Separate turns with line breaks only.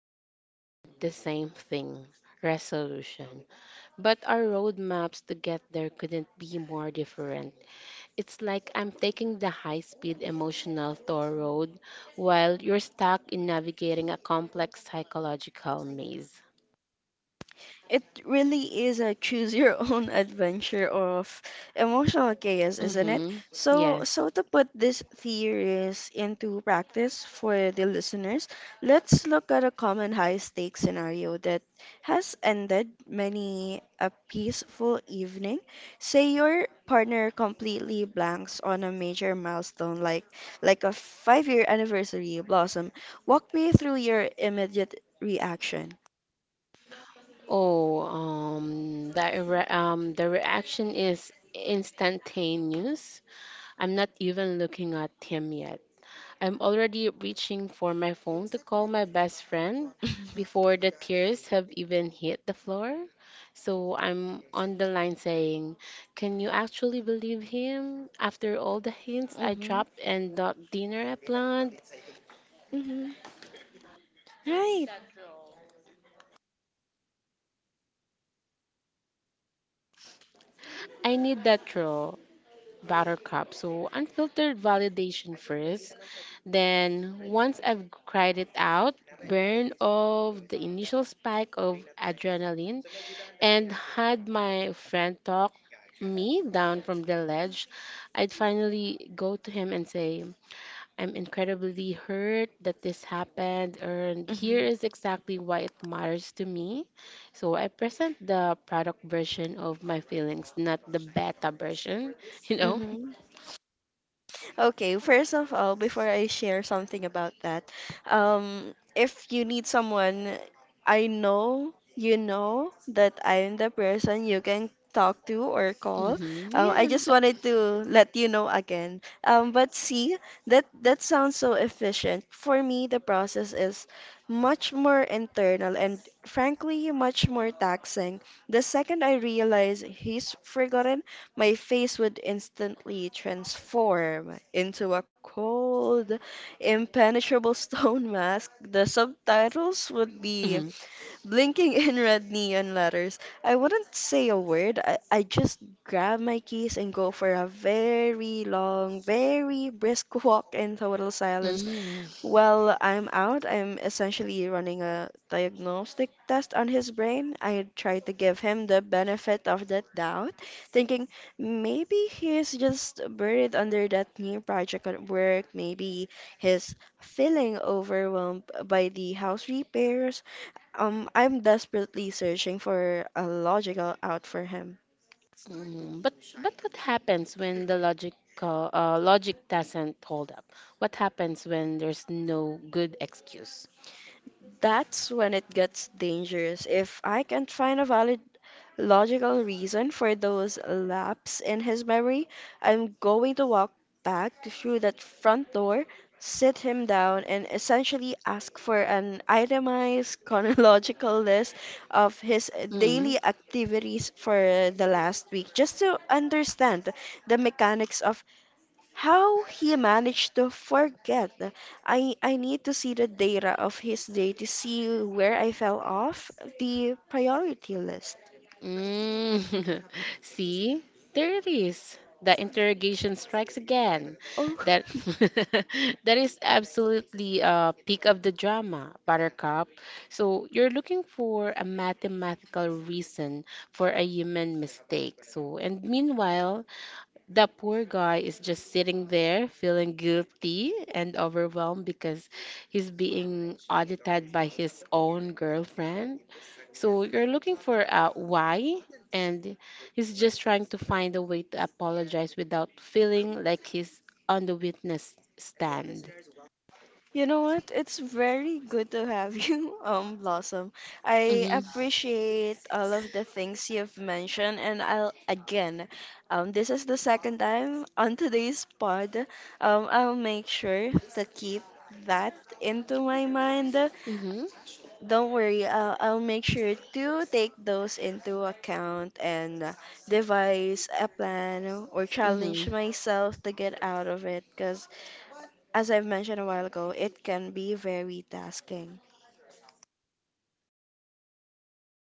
we both want the same thing, resolution, but our roadmaps to get there couldn't be more different. It's like I'm taking the high speed emotional tour road while you're stuck in navigating a complex psychological maze.
It really is a choose your own adventure of emotional chaos, isn't it?
Mm-hmm.
So,
Yes.
so to put these theories into practice for the listeners, let's look at a common high stakes scenario that has ended many a peaceful evening. Say your partner completely blanks on a major milestone like a 5-year anniversary, Blossom. Walk me through your immediate reaction.
The reaction is instantaneous. I'm not even looking at him yet. I'm already reaching for my phone to call my best friend before the tears have even hit the floor. So I'm on the line saying, can you actually believe him? After all the hints I
Mhm.
dropped and that dinner I planned,
Mm-hmm. Right.
I need that raw, Buttercup. So, unfiltered validation first. Then, once I've cried it out, burn off the initial spike of adrenaline and had my friend talk me down from the ledge, I'd finally go to him and say, I'm incredibly hurt that this happened, and here
Mm-hmm.
is exactly why it matters to me. So I present the product version of my feelings, not the beta version, you know?
Mm-hmm. Okay, first of all, before I share something about that, if you need someone, I know you know that I'm the person you can talk to or call.
hmm
I
Yes.
just wanted to let you know again. But see, that sounds so efficient. For me, the process is much more internal and frankly much more taxing. The second I realize he's forgotten, my face would instantly transform into a cold, impenetrable stone mask. The subtitles would be
hmm
blinking in red neon letters. I wouldn't say a word. I just grab my keys and go for a very long, very brisk walk in total silence
hmm
well, I'm out. I'm essentially running a diagnostic test on his brain. I tried to give him the benefit of the doubt, thinking maybe he's just buried under that new project at work. Maybe he's feeling overwhelmed by the house repairs. I'm desperately searching for a logical out for him.
hmm But what happens when the logic logic doesn't hold up? What happens when there's no good excuse?
That's when it gets dangerous. If I can't find a valid logical reason for those laps in his memory, I'm going to walk back through that front door, sit him down, and essentially ask for an itemized chronological list of his daily activities for the last week, just to understand the mechanics of how he managed to forget. I need to see the data of his day to see where I fell off the priority list.
Mm. See, there it is. The interrogation strikes again.
Oh,
That that is absolutely a peak of the drama, Buttercup. So you're looking for a mathematical reason for a human mistake. So and meanwhile, the poor guy is just sitting there feeling guilty and overwhelmed because he's being audited by his own girlfriend. So you're looking for a why, and he's just trying to find a way to apologize without feeling like he's on the witness stand.
you know what? It's very good to have you, Blossom. I
Mm-hmm.
appreciate all of the things you've mentioned, and I'll again, this is the second time on today's pod. I'll make sure to keep that into my mind.
Mm-hmm.
Don't worry, I'll make sure to take those into account and devise a plan or challenge
Mm-hmm.
myself to get out of it because, as I've mentioned a while ago, it can be very tasking.